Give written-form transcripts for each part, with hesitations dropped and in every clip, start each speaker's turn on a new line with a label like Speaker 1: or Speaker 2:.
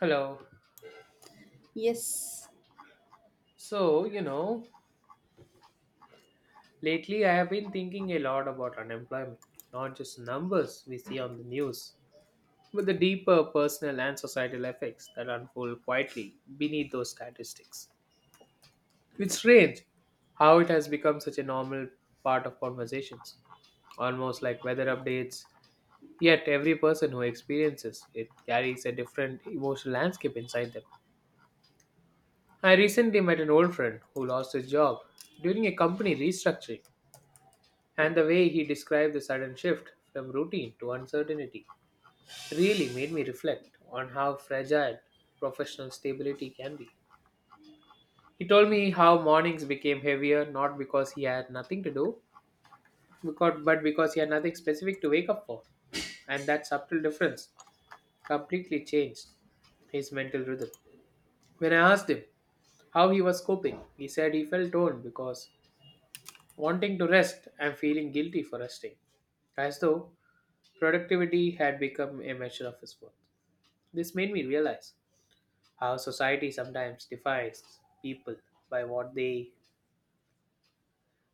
Speaker 1: Hello.
Speaker 2: Yes.
Speaker 1: So, you know, Lately I have been thinking a lot about unemployment, not just numbers we see on the news, but the deeper personal and societal effects that unfold quietly beneath those statistics. It's strange how it has become such a normal part of conversations, almost like weather updates, yet every person who experiences it carries a different emotional landscape inside them. I recently met an old friend who lost his job during a company restructuring. And the way he described the sudden shift from routine to uncertainty really made me reflect on how fragile professional stability can be. He told me how mornings became heavier not because he had nothing to do, but because he had nothing specific to wake up for. And that subtle difference completely changed his mental rhythm. When I asked him how he was coping, he said he felt torn because wanting to rest and feeling guilty for resting, as though productivity had become a measure of his worth. This made me realize how society sometimes defines people by what they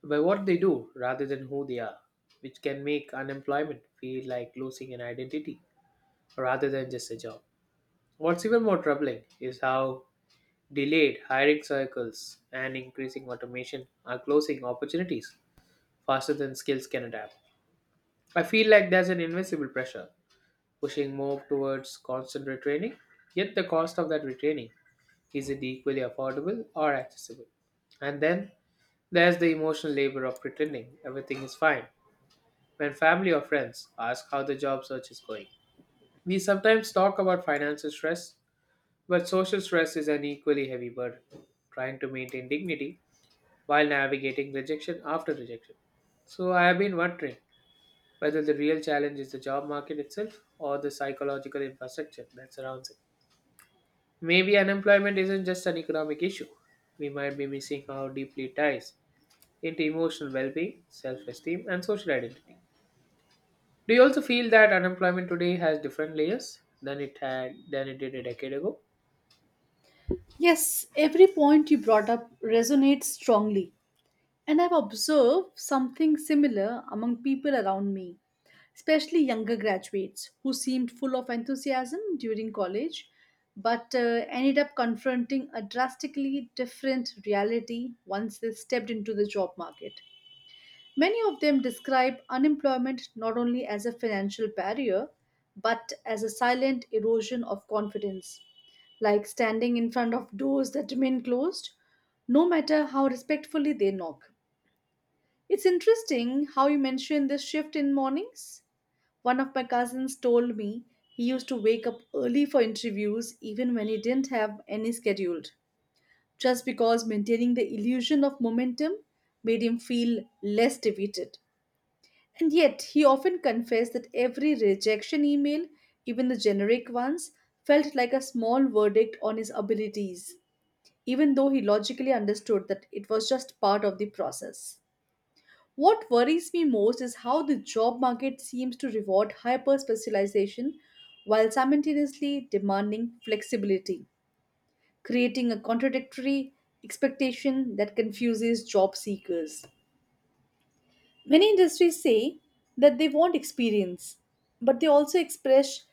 Speaker 1: by what they do rather than who they are, which can make unemployment feel like losing an identity rather than just a job. What's even more troubling is how delayed hiring cycles and increasing automation are closing opportunities faster than skills can adapt. I feel like there's an invisible pressure pushing more towards constant retraining. Yet the cost of that retraining, is it equally affordable or accessible? And then there's the emotional labor of pretending everything is fine when family or friends ask how the job search is going. We sometimes talk about financial stress, but social stress is an equally heavy burden, trying to maintain dignity while navigating rejection after rejection. So I have been wondering whether the real challenge is the job market itself or the psychological infrastructure that surrounds it. Maybe unemployment isn't just an economic issue. We might be missing how deeply it ties into emotional well being, self esteem, and social identity. Do you also feel that unemployment today has different layers than it did a decade ago?
Speaker 2: Yes, every point you brought up resonates strongly. And I've observed something similar among people around me, especially younger graduates who seemed full of enthusiasm during college but ended up confronting a drastically different reality once they stepped into the job market. Many of them describe unemployment not only as a financial barrier, but as a silent erosion of confidence, like standing in front of doors that remain closed, no matter how respectfully they knock. It's interesting how you mentioned this shift in mornings. One of my cousins told me he used to wake up early for interviews even when he didn't have any scheduled, just because maintaining the illusion of momentum made him feel less defeated. And yet, he often confessed that every rejection email, even the generic ones, felt like a small verdict on his abilities, even though he logically understood that it was just part of the process. What worries me most is how the job market seems to reward hyper specialization while simultaneously demanding flexibility, creating a contradictory expectation that confuses job seekers. Many industries say that they want experience, but they also express,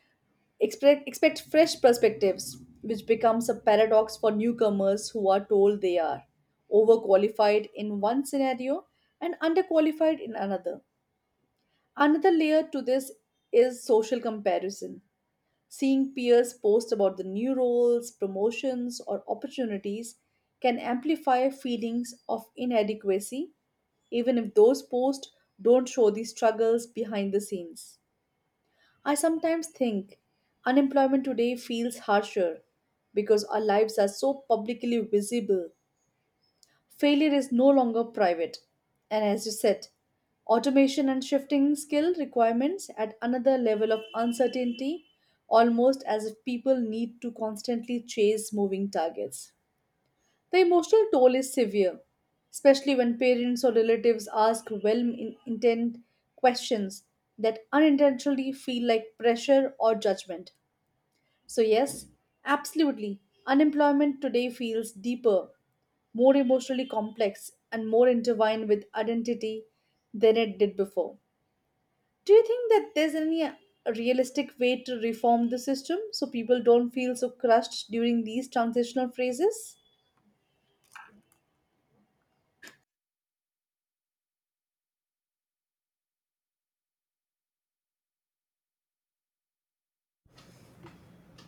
Speaker 2: expre- expect fresh perspectives, which becomes a paradox for newcomers who are told they are overqualified in one scenario and underqualified in another. Another layer to this is social comparison. Seeing peers post about the new roles, promotions, or opportunities can amplify feelings of inadequacy even if those posts don't show the struggles behind the scenes. I sometimes think unemployment today feels harsher because our lives are so publicly visible. Failure is no longer private. And as you said, automation and shifting skill requirements at another level of uncertainty, almost as if people need to constantly chase moving targets. The emotional toll is severe, especially when parents or relatives ask well intent questions that unintentionally feel like pressure or judgment. So, yes, absolutely, unemployment today feels deeper, more emotionally complex, and more intertwined with identity than it did before. Do you think that there's any realistic way to reform the system so people don't feel so crushed during these transitional phases?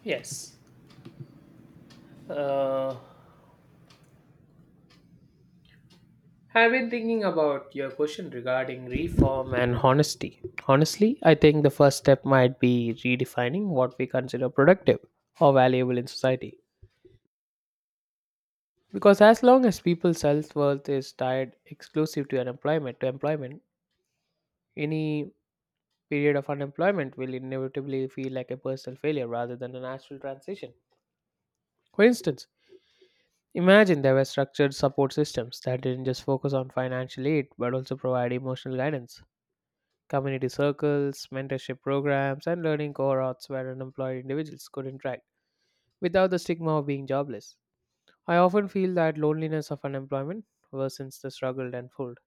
Speaker 1: Yes. Uh, I've been thinking about your question regarding reform and honesty. Honestly, I think the first step might be redefining what we consider productive or valuable in society. Because as long as people's self worth is tied exclusive to unemployment to employment, any period of unemployment will inevitably feel like a personal failure rather than a natural transition. For instance, imagine there were structured support systems that didn't just focus on financial aid but also provide emotional guidance. Community circles, mentorship programs, and learning cohorts where unemployed individuals could interact without the stigma of being jobless. I often feel that loneliness of unemployment worsens the struggle tenfold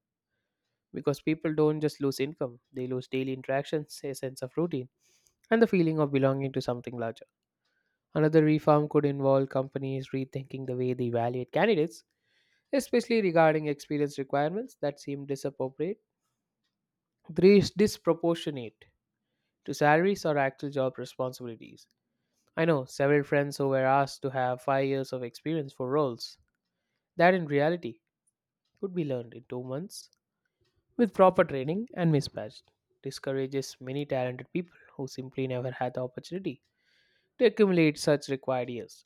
Speaker 1: because people don't just lose income, they lose daily interactions, a sense of routine, and the feeling of belonging to something larger. Another reform could involve companies rethinking the way they evaluate candidates, especially regarding experience requirements that seem disproportionate to salaries or actual job responsibilities. I know several friends who were asked to have 5 years of experience for roles that in reality could be learned in 2 months with proper training and mismatched, discourages many talented people who simply never had the opportunity to accumulate such required years.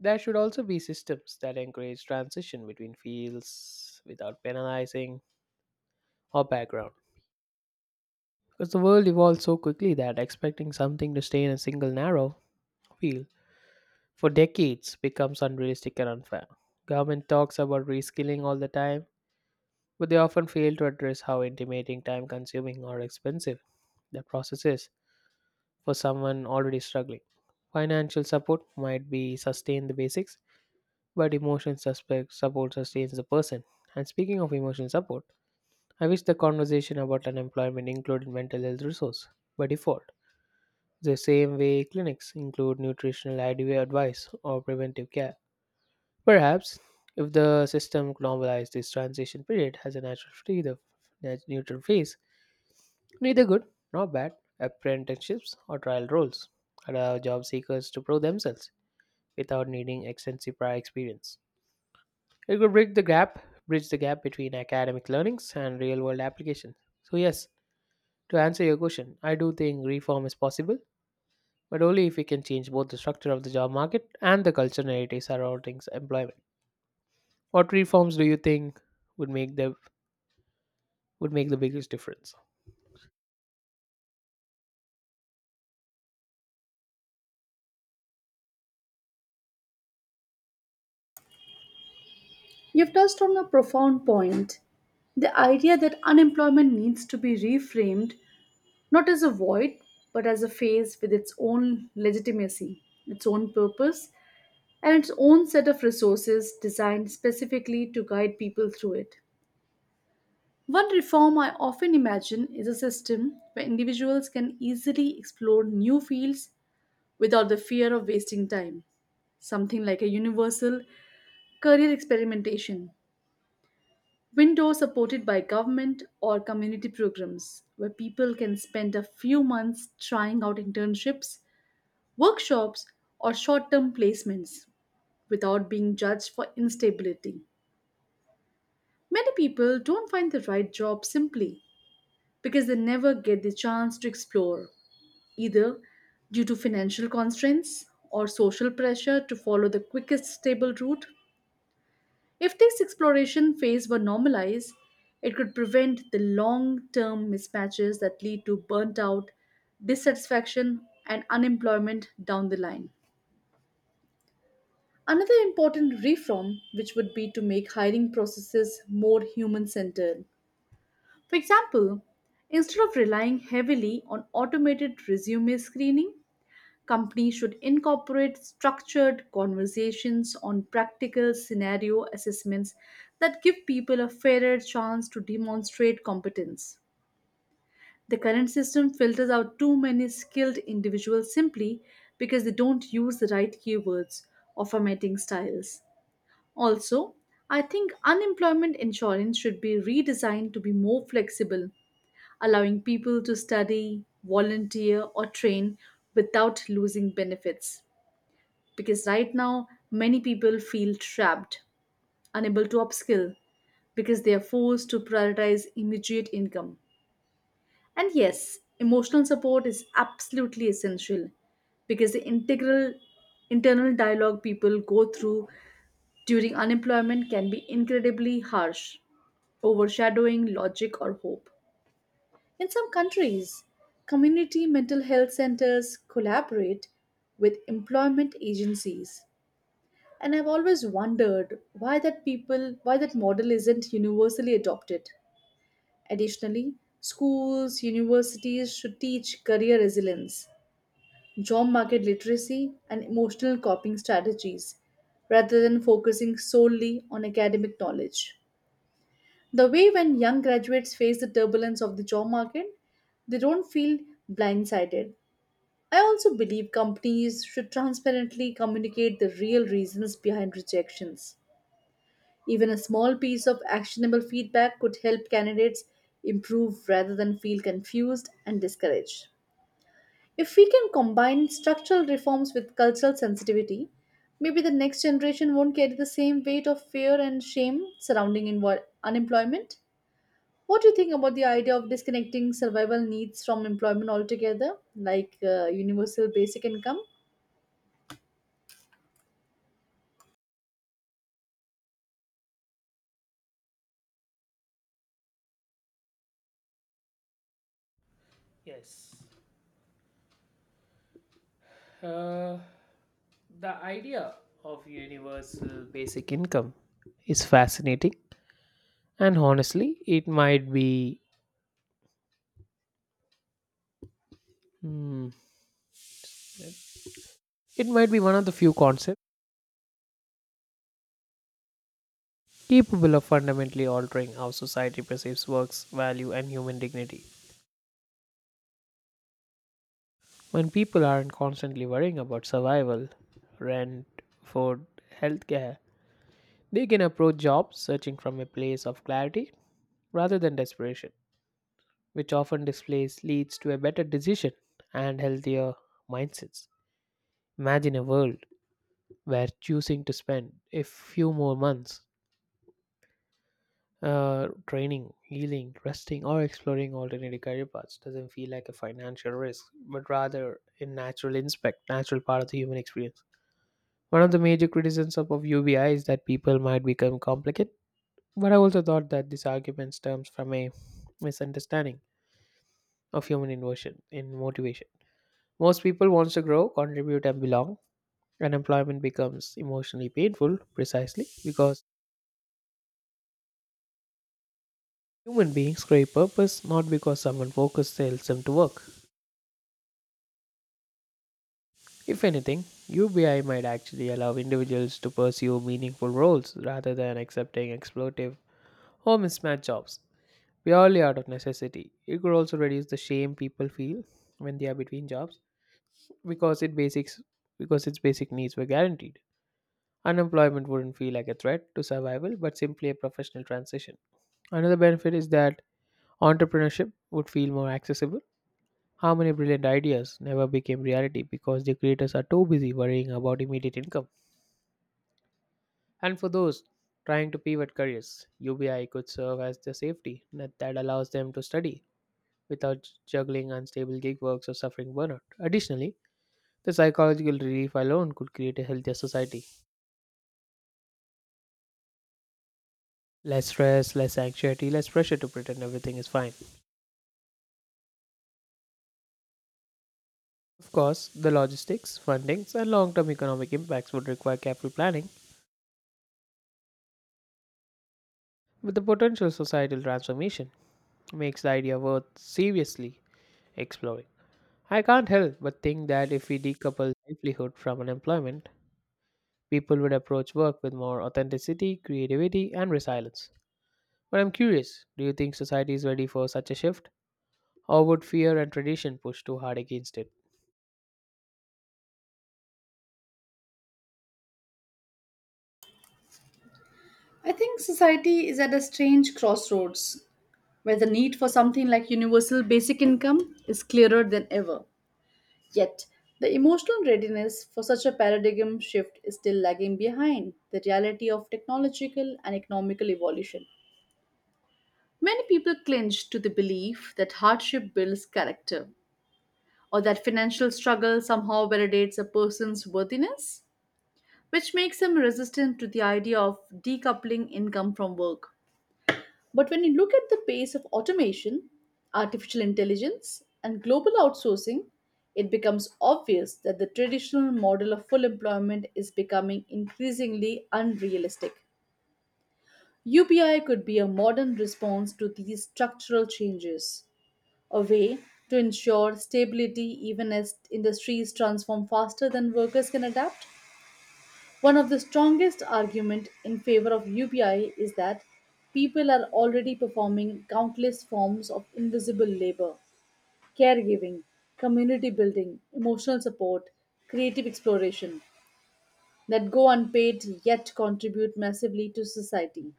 Speaker 1: There should also be systems that encourage transition between fields without penalizing or background. Because the world evolves so quickly that expecting something to stay in a single narrow field for decades becomes unrealistic and unfair. Government talks about reskilling all the time, but they often fail to address how intimating, time consuming, or expensive the process is for someone already struggling. Financial support might be sustain the basics, but emotional suspect support sustains the person. And speaking of emotional support, I wish the conversation about unemployment included mental health resource by default. The same way clinics include nutritional idea advice or preventive care. Perhaps if the system normalized this transition period as a neutral phase, neither good nor bad. Apprenticeships or trial roles allow job seekers to prove themselves without needing extensive prior experience. It could bridge the gap between academic learnings and real-world applications. So yes, to answer your question, I do think reform is possible, but only if we can change both the structure of the job market and the cultural narrative surrounding employment. What reforms do you think would make the would make the biggest difference?
Speaker 2: You've touched on a profound point. The idea that unemployment needs to be reframed not as a void, but as a phase with its own legitimacy, its own purpose, and its own set of resources designed specifically to guide people through it. One reform I often imagine is a system where individuals can easily explore new fields without the fear of wasting time, something like a universal career experimentation Windows supported by government or community programs where people can spend a few months trying out internships, workshops, or short term placements without being judged for instability. Many people don't find the right job simply because they never get the chance to explore, either due to financial constraints or social pressure to follow the quickest stable route. If this exploration phase were normalized, it could prevent the long term mismatches that lead to burnt out, dissatisfaction, and unemployment down the line. Another important reform, which would be to make hiring processes more human centered. For example, instead of relying heavily on automated resume screening, companies should incorporate structured conversations on practical scenario assessments that give people a fairer chance to demonstrate competence. The current system filters out too many skilled individuals simply because they don't use the right keywords or formatting styles. Also, I think unemployment insurance should be redesigned to be more flexible, allowing people to study, volunteer, or train without losing benefits because right now many people feel trapped, unable to upskill because they are forced to prioritize immediate income. And yes, emotional support is absolutely essential because the integral internal dialogue people go through during unemployment can be incredibly harsh, overshadowing logic or hope. In some countries, community mental health centers collaborate with employment agencies. And I've always wondered why that model isn't universally adopted. Additionally, schools, universities should teach career resilience, job market literacy, and emotional coping strategies rather than focusing solely on academic knowledge. The way when young graduates face the turbulence of the job market, they don't feel blindsided. I also believe companies should transparently communicate the real reasons behind rejections. Even a small piece of actionable feedback could help candidates improve rather than feel confused and discouraged. If we can combine structural reforms with cultural sensitivity, maybe the next generation won't carry the same weight of fear and shame surrounding unemployment. What do you think about the idea of disconnecting survival needs from employment altogether, like universal basic income?
Speaker 1: Yes. Uh, The idea of universal basic income is fascinating, and honestly it might be, hmm, it might be one of the few concepts capable of fundamentally altering how society perceives work's value and human dignity. When people aren't constantly worrying about survival, rent, food, healthcare, they can approach jobs searching from a place of clarity rather than desperation, which often displays leads to a better decision and healthier mindsets. Imagine a world where choosing to spend a few more months training, healing, resting, or exploring alternative career paths doesn't feel like a financial risk, but rather a natural part of the human experience. One of the major criticisms of UBI is that people might become complicated, but I also thought that this argument stems from a misunderstanding of human inversion in motivation. Most people wants to grow, contribute, and belong, and employment becomes emotionally painful precisely because human beings crave purpose not because someone focused tells them to work. If anything, UBI might actually allow individuals to pursue meaningful roles rather than accepting exploitative or mismatched jobs purely out of necessity. It could also reduce the shame people feel when they are between jobs because it basics because its basic needs were guaranteed. Unemployment wouldn't feel like a threat to survival but simply a professional transition. Another benefit is that entrepreneurship would feel more accessible. How many brilliant ideas never became reality because the creators are too busy worrying about immediate income? And for those trying to pivot careers, UBI could serve as the safety net that allows them to study without juggling unstable gig works or suffering burnout. Additionally, the psychological relief alone could create a healthier society. Less stress, less anxiety, less pressure to pretend everything is fine. Of course, the logistics, fundings, and long term economic impacts would require careful planning, with the potential societal transformation makes the idea worth seriously exploring. I can't help but think that if we decouple livelihood from unemployment, people would approach work with more authenticity, creativity, and resilience. But I'm curious, do you think society is ready for such a shift? Or would fear and tradition push too hard against it?
Speaker 2: I think society is at a strange crossroads, where the need for something like universal basic income is clearer than ever. Yet, the emotional readiness for such a paradigm shift is still lagging behind the reality of technological and economical evolution. Many people clinch to the belief that hardship builds character, or that financial struggle somehow validates a person's worthiness, which makes them resistant to the idea of decoupling income from work. But when you look at the pace of automation, artificial intelligence, and global outsourcing, it becomes obvious that the traditional model of full employment is becoming increasingly unrealistic. UBI could be a modern response to these structural changes, a way to ensure stability even as industries transform faster than workers can adapt. One of the strongest arguments in favor of UBI is that people are already performing countless forms of invisible labor: caregiving, community building, emotional support, creative exploration that go unpaid yet contribute massively to society.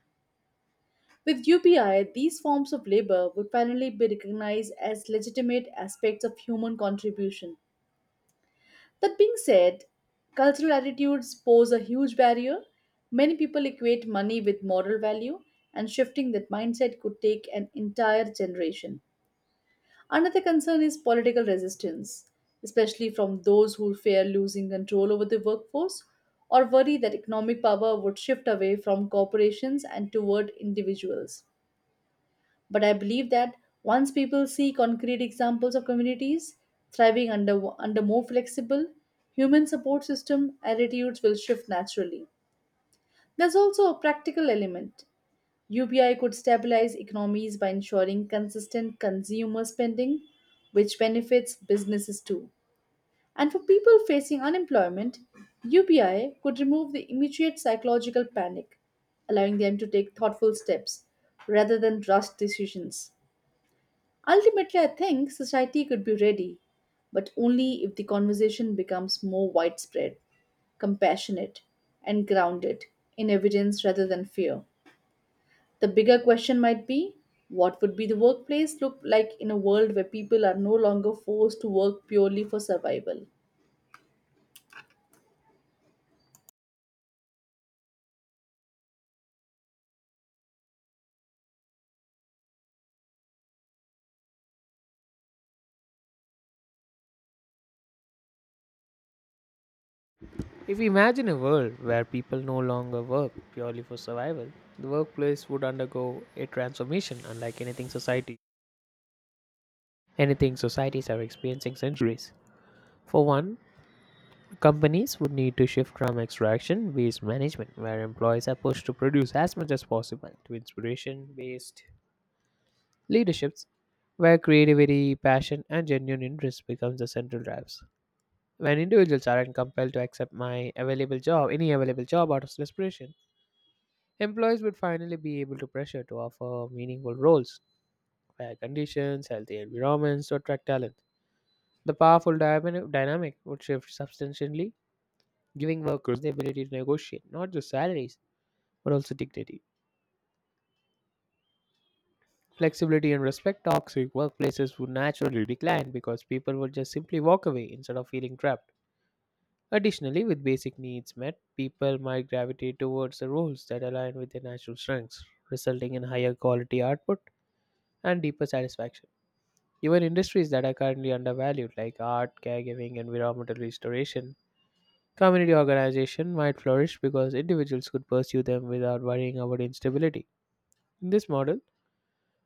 Speaker 2: With UPI, these forms of labor would finally be recognized as legitimate aspects of human contribution. That being said, cultural attitudes pose a huge barrier. Many people equate money with moral value, and shifting that mindset could take an entire generation. Another concern is political resistance, especially from those who fear losing control over the workforce or worry that economic power would shift away from corporations and toward individuals. But I believe that once people see concrete examples of communities thriving under more flexible human support system, attitudes will shift naturally. There's also a practical element. UBI could stabilize economies by ensuring consistent consumer spending, which benefits businesses too. And for people facing unemployment, UBI could remove the immediate psychological panic, allowing them to take thoughtful steps rather than rushed decisions. Ultimately, I think society could be ready, but only if the conversation becomes more widespread, compassionate, and grounded in evidence rather than fear. The bigger question might be, what would be the workplace look like in a world where people are no longer forced to work purely for survival?
Speaker 1: If we imagine a world where people no longer work purely for survival, the workplace would undergo a transformation unlike anything societies are experiencing centuries. For one, companies would need to shift from extraction based management, where employees are pushed to produce as much as possible, to inspiration based leaderships, where creativity, passion, and genuine interest becomes the central drives. When individuals aren't compelled to accept my available job, any available job out of desperation, employees would finally be able to pressure to offer meaningful roles, fair conditions, healthy environments to attract talent. The dynamic would shift substantially, giving workers the ability to negotiate not just salaries but also dignity. Flexibility and respect toxic workplaces would naturally decline because people would just simply walk away instead of feeling trapped. Additionally, with basic needs met, people might gravitate towards the roles that align with their natural strengths, resulting in higher quality output and deeper satisfaction. Even industries that are currently undervalued, like art, caregiving, environmental restoration, community organization, might flourish because individuals could pursue them without worrying about instability. In this model,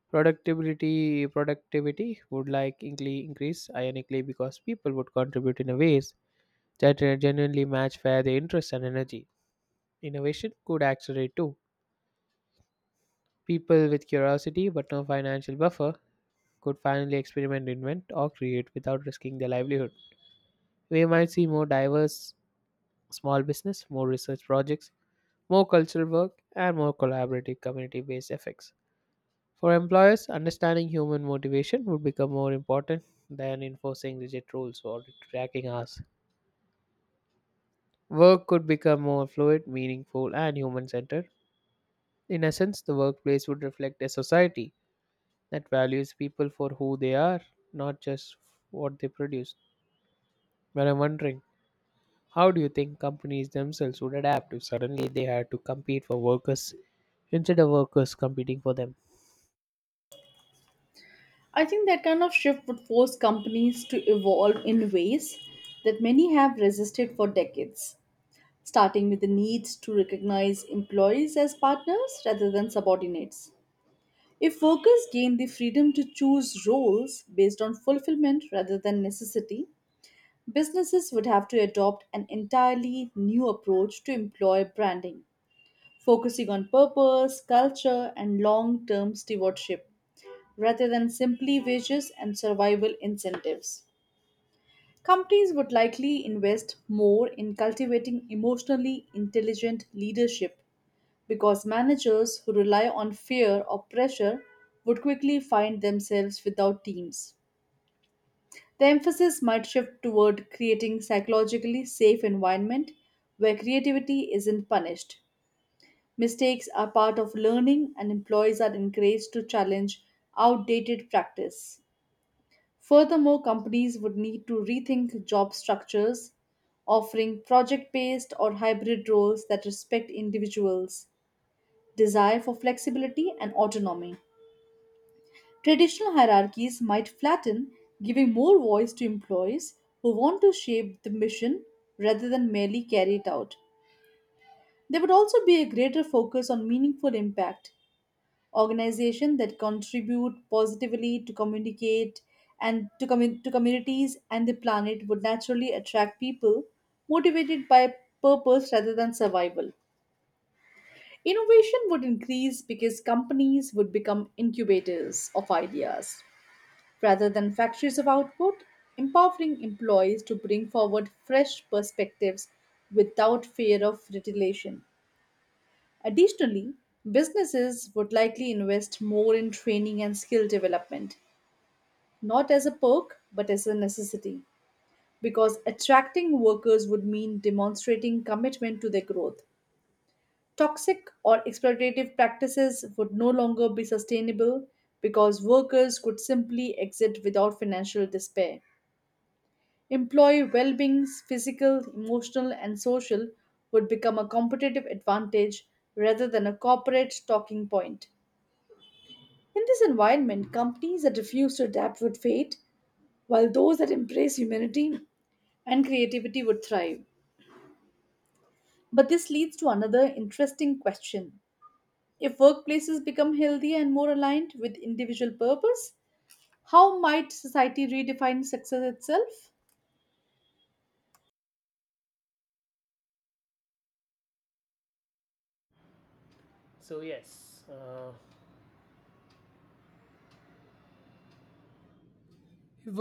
Speaker 1: productivity would likely increase ironically because people would contribute in a ways that genuinely match where their interest and energy. Innovation could accelerate too. People with curiosity but no financial buffer could finally experiment, invent, or create without risking their livelihood. We might see more diverse small business, more research projects, more cultural work, and more collaborative community based effects. For employers, understanding human motivation would become more important than enforcing rigid rules or tracking hours. Work could become more fluid, meaningful, and human centered. In essence, the workplace would reflect a society that values people for who they are, not just what they produce. But I'm wondering, how do you think companies themselves would adapt if suddenly they had to compete for workers instead of workers competing for them?
Speaker 2: I think that kind of shift would force companies to evolve in ways that many have resisted for decades, starting with the needs to recognize employees as partners rather than subordinates. If workers gain the freedom to choose roles based on fulfillment rather than necessity, businesses would have to adopt an entirely new approach to employer branding, focusing on purpose, culture, and long term stewardship rather than simply wages and survival incentives. Companies would likely invest more in cultivating emotionally intelligent leadership because managers who rely on fear or pressure would quickly find themselves without teams. The emphasis might shift toward creating psychologically safe environment where creativity isn't punished. Mistakes are part of learning and employees are encouraged to challenge outdated practice. Furthermore, companies would need to rethink job structures, offering project based or hybrid roles that respect individuals' desire for flexibility and autonomy. Traditional hierarchies might flatten, giving more voice to employees who want to shape the mission rather than merely carry it out. There would also be a greater focus on meaningful impact. Organizations that contribute positively to communicate and to, commu- to communities and the planet would naturally attract people motivated by purpose rather than survival. Innovation would increase because companies would become incubators of ideas, rather than factories of output, empowering employees to bring forward fresh perspectives without fear of retaliation. Additionally, businesses would likely invest more in training and skill development, not as a perk, but as a necessity, because attracting workers would mean demonstrating commitment to their growth. Toxic or exploitative practices would no longer be sustainable because workers could simply exit without financial despair. Employee well being's physical, emotional, and social would become a competitive advantage rather than a corporate talking point. In this environment, companies that refuse to adapt would fade, while those that embrace humanity and creativity would thrive. But this leads to another interesting question. If workplaces become healthier and more aligned with individual purpose, how might society redefine success itself?
Speaker 1: So, yes.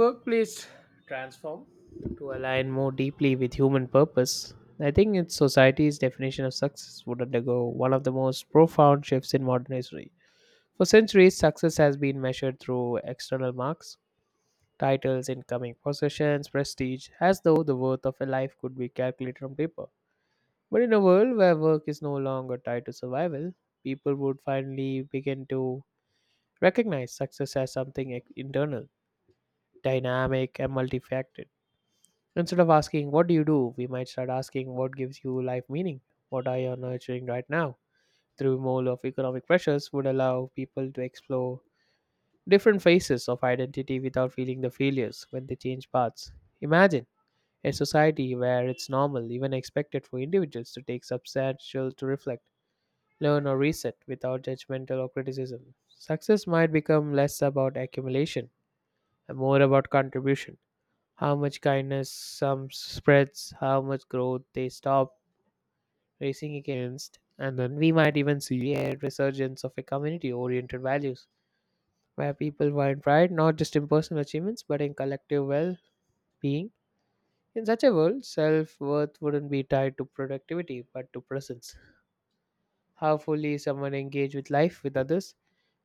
Speaker 1: Workplace transform to align more deeply with human purpose. I think its society's definition of success would undergo one of the most profound shifts in modern history. For centuries, success has been measured through external marks, titles, incoming possessions, prestige, as though the worth of a life could be calculated on paper. But in a world where work is no longer tied to survival, people would finally begin to recognize success as something internal, dynamic, and multifaceted. Instead of asking, what do you do? We might start asking, what gives you life meaning? What are you nurturing right now? The removal of economic pressures would allow people to explore different phases of identity without feeling the failures when they change paths. Imagine a society where it's normal, even expected, for individuals to take substantial to reflect, learn, or reset without judgmental or criticism. Success might become less about accumulation and more about contribution, how much kindness some spreads, how much growth they stop racing against, and then we might even see a resurgence of a community oriented values where people find pride not just in personal achievements but in collective well being. In such a world, self worth wouldn't be tied to productivity but to presence. How fully someone engaged with life, with others,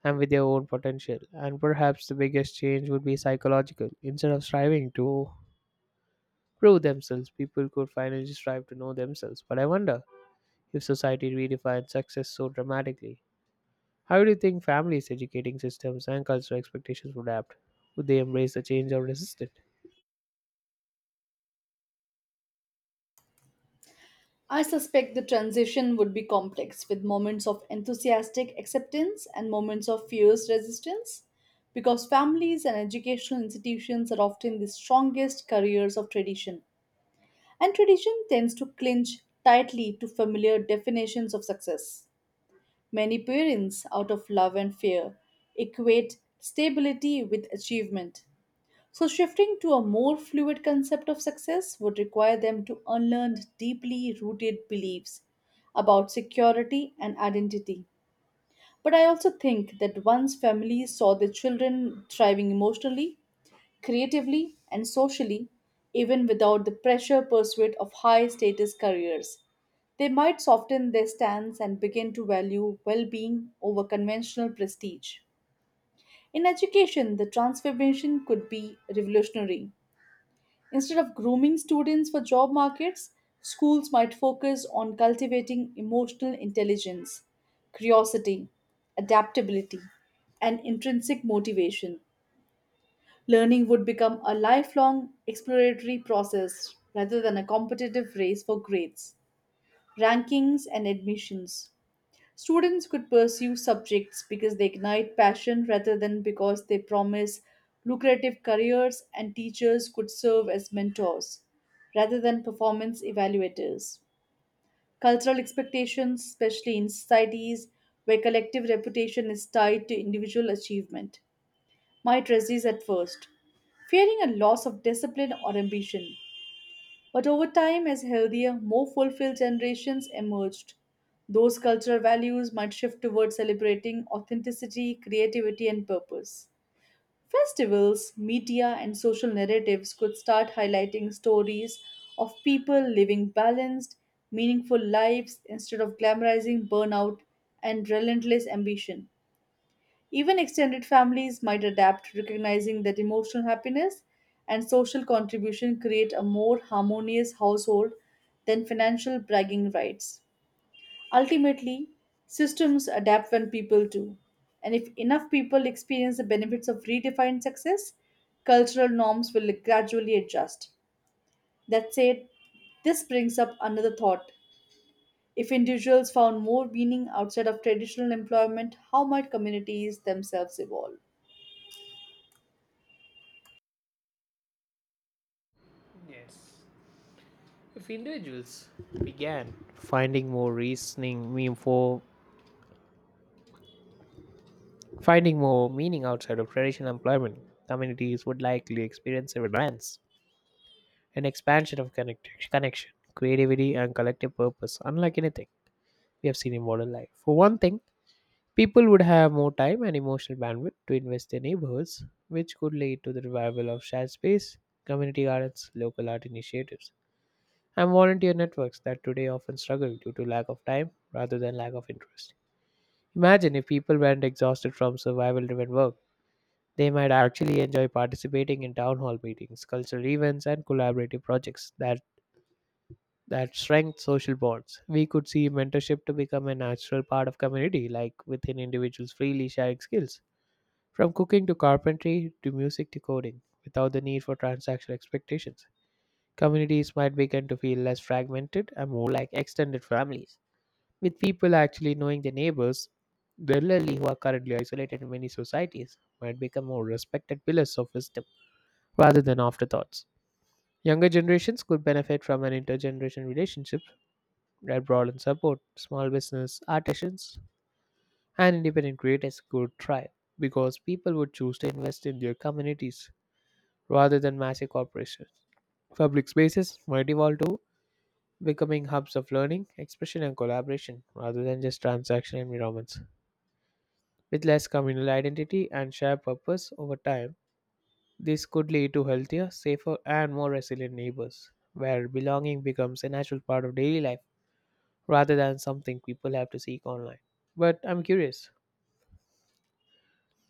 Speaker 1: and with their own potential. And perhaps the biggest change would be psychological. Instead of striving to prove themselves. People could finally strive to know themselves. But I wonder if society redefines success so dramatically. How do you think families, educating systems, and cultural expectations would adapt? Would they embrace the change or resist it?
Speaker 2: I suspect the transition would be complex, with moments of enthusiastic acceptance and moments of fierce resistance, because families and educational institutions are often the strongest carriers of tradition, and tradition tends to clinch tightly to familiar definitions of success. Many parents, out of love and fear, equate stability with achievement, so, shifting to a more fluid concept of success would require them to unlearn deeply rooted beliefs about security and identity. But I also think that once families saw their children thriving emotionally, creatively, and socially, even without the pressure pursuit of high status careers, they might soften their stance and begin to value well being over conventional prestige. In education, the transformation could be revolutionary. Instead of grooming students for job markets, schools might focus on cultivating emotional intelligence, curiosity, adaptability, and intrinsic motivation. Learning would become a lifelong exploratory process rather than a competitive race for grades, rankings, and admissions. Students could pursue subjects because they ignite passion rather than because they promise lucrative careers, and teachers could serve as mentors rather than performance evaluators. Cultural expectations, especially in societies where collective reputation is tied to individual achievement, might resist at first, fearing a loss of discipline or ambition. But over time, as healthier, more fulfilled generations emerged, those cultural values might shift towards celebrating authenticity, creativity, and purpose. Festivals, media, and social narratives could start highlighting stories of people living balanced, meaningful lives instead of glamorizing burnout and relentless ambition. Even extended families might adapt, recognizing that emotional happiness and social contribution create a more harmonious household than financial bragging rights. Ultimately, systems adapt when people do. And if enough people experience the benefits of redefined success, cultural norms will gradually adjust. That said, this brings up another thought. If individuals found more meaning outside of traditional employment, how might communities themselves evolve?
Speaker 1: Yes. If individuals began finding more reasoning mean for finding more meaning outside of traditional employment, communities would likely experience a relance, an expansion of connection, creativity, and collective purpose, unlike anything we have seen in modern life. For one thing, people would have more time and emotional bandwidth to invest their neighborhoods, which could lead to the revival of shared space, community gardens, local art initiatives, and volunteer networks that today often struggle due to lack of time rather than lack of interest. Imagine if people weren't exhausted from survival driven work. They might actually enjoy participating in town hall meetings, cultural events, and collaborative projects that strengthen social bonds. We could see mentorship to become a natural part of community, like within individuals freely sharing skills from cooking to carpentry to music to coding, without the need for transactional expectations, communities might begin to feel less fragmented and more like extended families, with people actually knowing their neighbors. The elderly who are currently isolated in many societies might become more respected pillars of wisdom rather than afterthoughts. Younger generations could benefit from an intergenerational relationship that broadens support. Small business, artisans, and independent creators could thrive because people would choose to invest in their communities rather than massive corporations. Public spaces might evolve to becoming hubs of learning, expression, and collaboration rather than just transaction environments. With less communal identity and shared purpose over time, this could lead to healthier, safer, and more resilient neighbors, where belonging becomes a natural part of daily life rather than something people have to seek online. But I'm curious,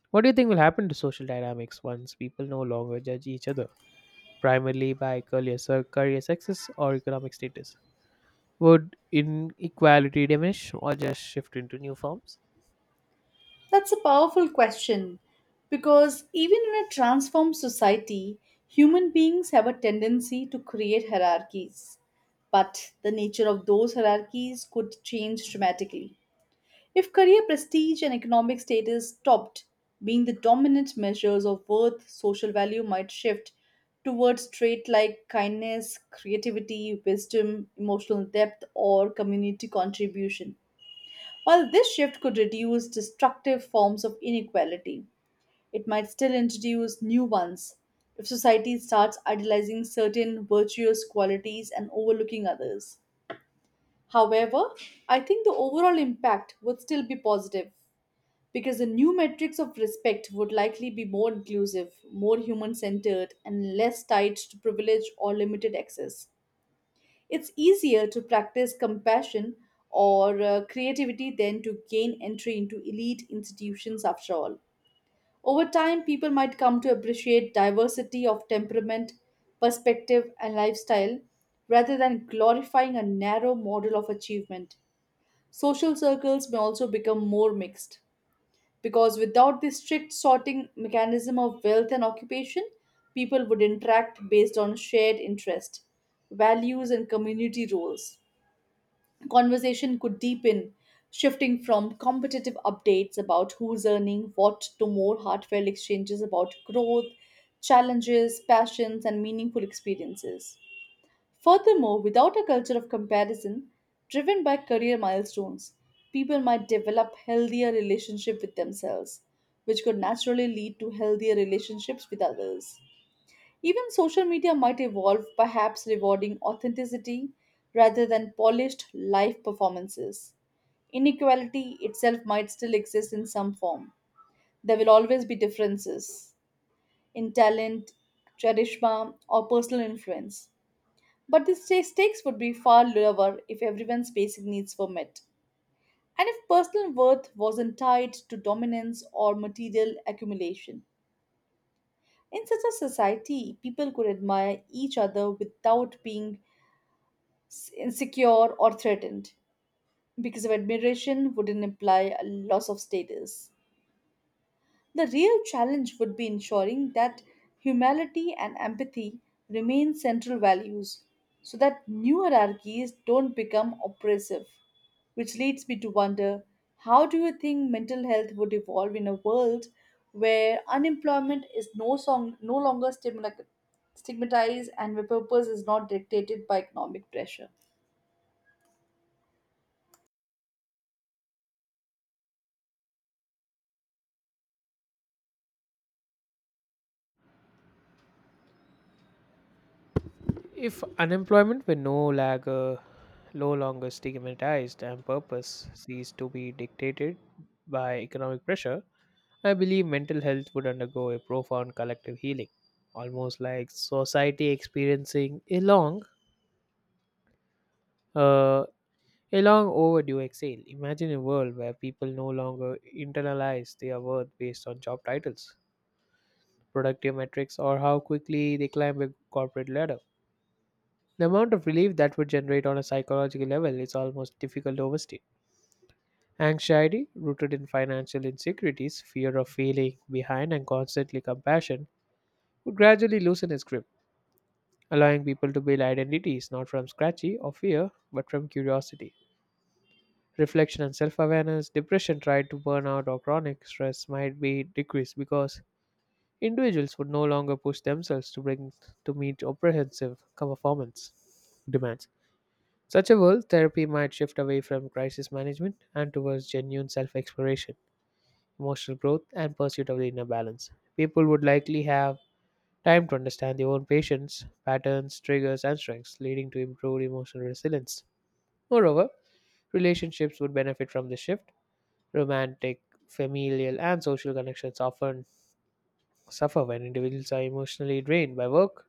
Speaker 1: what do you think will happen to social dynamics once people no longer judge each other, primarily by career, career success or economic status? Would inequality diminish or just shift into new forms?
Speaker 2: That's a powerful question because even in a transformed society, human beings have a tendency to create hierarchies. But the nature of those hierarchies could change dramatically. If career prestige and economic status stopped being the dominant measures of worth, social value might shift towards traits like kindness, creativity, wisdom, emotional depth, or community contribution. While this shift could reduce destructive forms of inequality, it might still introduce new ones if society starts idealizing certain virtuous qualities and overlooking others. However, I think the overall impact would still be positive because the new metrics of respect would likely be more inclusive, more human centered, and less tied to privilege or limited access. It's easier to practice compassion or creativity than to gain entry into elite institutions after all. Over time, people might come to appreciate diversity of temperament, perspective, and lifestyle rather than glorifying a narrow model of achievement. Social circles may also become more mixed because without the strict sorting mechanism of wealth and occupation, people would interact based on shared interest, values, and community roles conversation could deepen, shifting from competitive updates about who's earning what to more heartfelt exchanges about growth, challenges, passions, and meaningful experiences. Furthermore, without a culture of comparison driven by career milestones, people might develop healthier relationship with themselves, which could naturally lead to healthier relationships with others. Even social media might evolve, perhaps rewarding authenticity rather than polished live performances. Inequality itself might still exist in some form. There will always be differences in talent, charisma, or personal influence. But the stakes would be far lower if everyone's basic needs were met, and if personal worth wasn't tied to dominance or material accumulation. In such a society, people could admire each other without being insecure or threatened, because if admiration wouldn't imply a loss of status. The real challenge would be ensuring that humility and empathy remain central values so that new hierarchies don't become oppressive. Which leads me to wonder how do you think mental health would evolve in a world where unemployment is no longer stigmatized and where purpose is not dictated by economic pressure?
Speaker 1: If unemployment were no longer stigmatized and purpose ceased to be dictated by economic pressure, I believe mental health would undergo a profound collective healing, almost like society experiencing uh, a long overdue exhale. Imagine a world where people no longer internalize their worth based on job titles, productive metrics, or how quickly they climb the corporate ladder. The amount of relief that would generate on a psychological level is almost difficult to overstate. Anxiety, rooted in financial insecurities, fear of failing behind, and constantly compassion, would gradually loosen its grip, allowing people to build identities not from scratchy or fear, but from curiosity. Reflection and self awareness, depression tied to burnout or chronic stress might be decreased because individuals would no longer push themselves to bring to meet comprehensive performance demands. Such a world, therapy might shift away from crisis management and towards genuine self exploration, emotional growth, and pursuit of the inner balance. People would likely have time to understand their own patterns, triggers, and strengths, leading to improved emotional resilience. Moreover, relationships would benefit from this shift. Romantic, familial, and social connections often suffer when individuals are emotionally drained by work,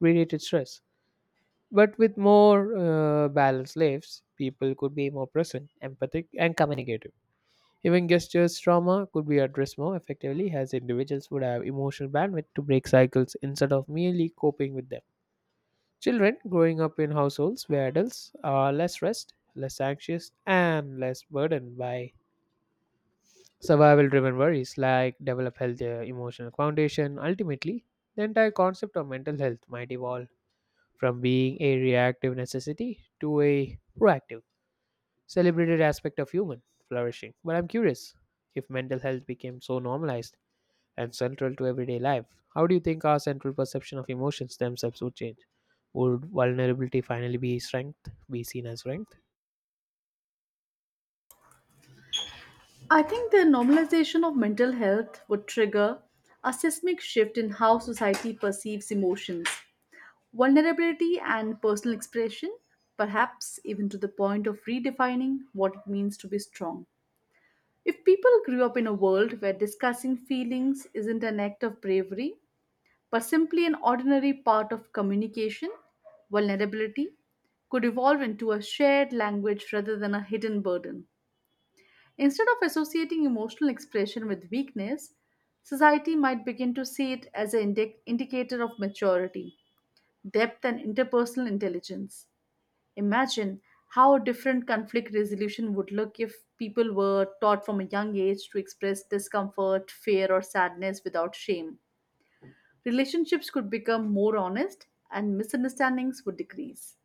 Speaker 1: related stress. But with more balanced lives, people could be more present, empathic, and communicative. Even gestures trauma could be addressed more effectively as individuals would have emotional bandwidth to break cycles instead of merely coping with them. Children growing up in households where adults are less stressed, less anxious, and less burdened by survival driven worries like develop healthier emotional foundation ultimately the entire concept of mental health might evolve from being a reactive necessity to a proactive, celebrated aspect of human flourishing. But I'm curious if mental health became so normalized and central to everyday life, how do you think our central perception of emotions themselves would change? Would vulnerability finally be seen as strength?
Speaker 2: I think the normalization of mental health would trigger a seismic shift in how society perceives emotions, vulnerability, and personal expression, perhaps even to the point of redefining what it means to be strong. If people grew up in a world where discussing feelings isn't an act of bravery, but simply an ordinary part of communication, vulnerability could evolve into a shared language rather than a hidden burden. Instead of associating emotional expression with weakness, society might begin to see it as an indicator of maturity, depth, and interpersonal intelligence. Imagine how different conflict resolution would look if people were taught from a young age to express discomfort, fear, or sadness without shame. Relationships could become more honest, and misunderstandings would decrease.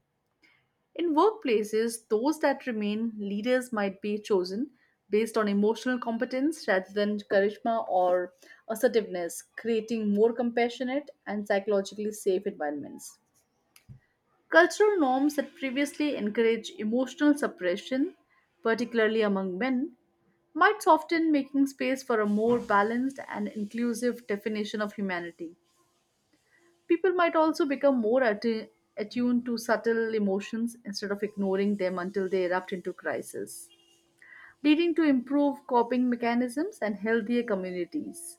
Speaker 2: In workplaces, those that remain leaders might be chosen based on emotional competence rather than charisma or assertiveness, creating more compassionate and psychologically safe environments. Cultural norms that previously encourage emotional suppression, particularly among men, might soften, making space for a more balanced and inclusive definition of humanity. People might also become more attuned to subtle emotions instead of ignoring them until they erupt into crisis, leading to improved coping mechanisms and healthier communities.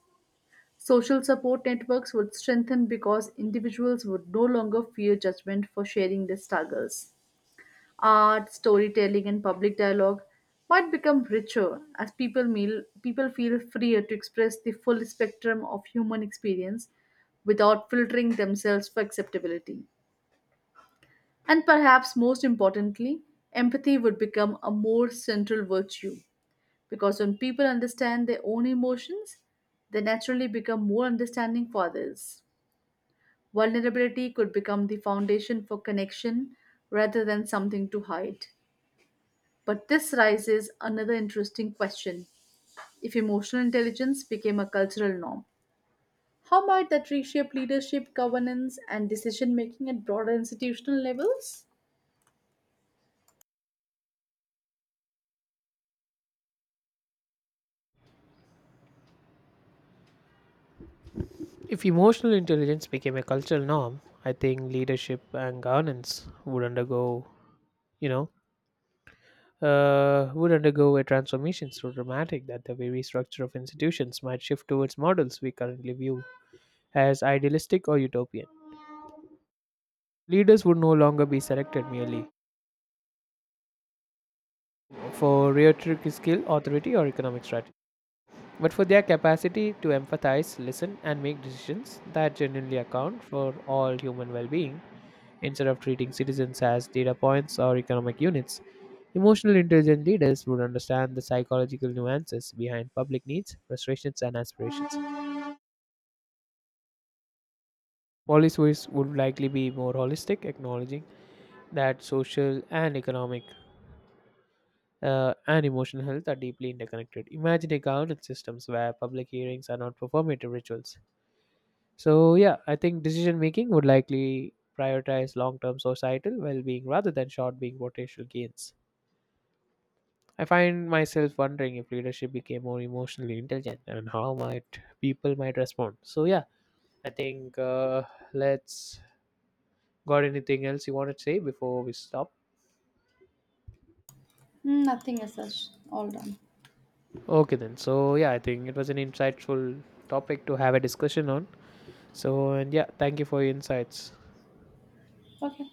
Speaker 2: Social support networks would strengthen because individuals would no longer fear judgment for sharing their struggles. Art, storytelling, and public dialogue might become richer as people feel freer to express the full spectrum of human experience without filtering themselves for acceptability. And perhaps most importantly, empathy would become a more central virtue because when people understand their own emotions, they naturally become more understanding for others. Vulnerability could become the foundation for connection rather than something to hide. But this raises another interesting question. If emotional intelligence became a cultural norm, how might that reshape leadership, governance, and decision making at broader institutional levels?
Speaker 1: If emotional intelligence became a cultural norm, I think leadership and governance would undergo, you know, would undergo a transformation so dramatic that the very structure of institutions might shift towards models we currently view as idealistic or utopian. Leaders would no longer be selected merely for rhetoric skill, authority, or economic strategy, but for their capacity to empathize, listen, and make decisions that genuinely account for all human well being. Instead of treating citizens as data points or economic units, emotional intelligent leaders would understand the psychological nuances behind public needs, frustrations, and aspirations. Policymakers would likely be more holistic, acknowledging that social and economic and emotional health are deeply interconnected. Imagine a governance systems where public hearings are not performative rituals. So yeah, I think decision making would likely prioritize long-term societal well-being rather than short-being potential gains. I find myself wondering if leadership became more emotionally intelligent and how might people might respond. So yeah, I think let's got anything else you want to say before we stop?
Speaker 2: Nothing as such. All done.
Speaker 1: Okay, then. So, yeah, I think it was an insightful topic to have a discussion on. So, and yeah, thank you for your insights.
Speaker 2: Okay.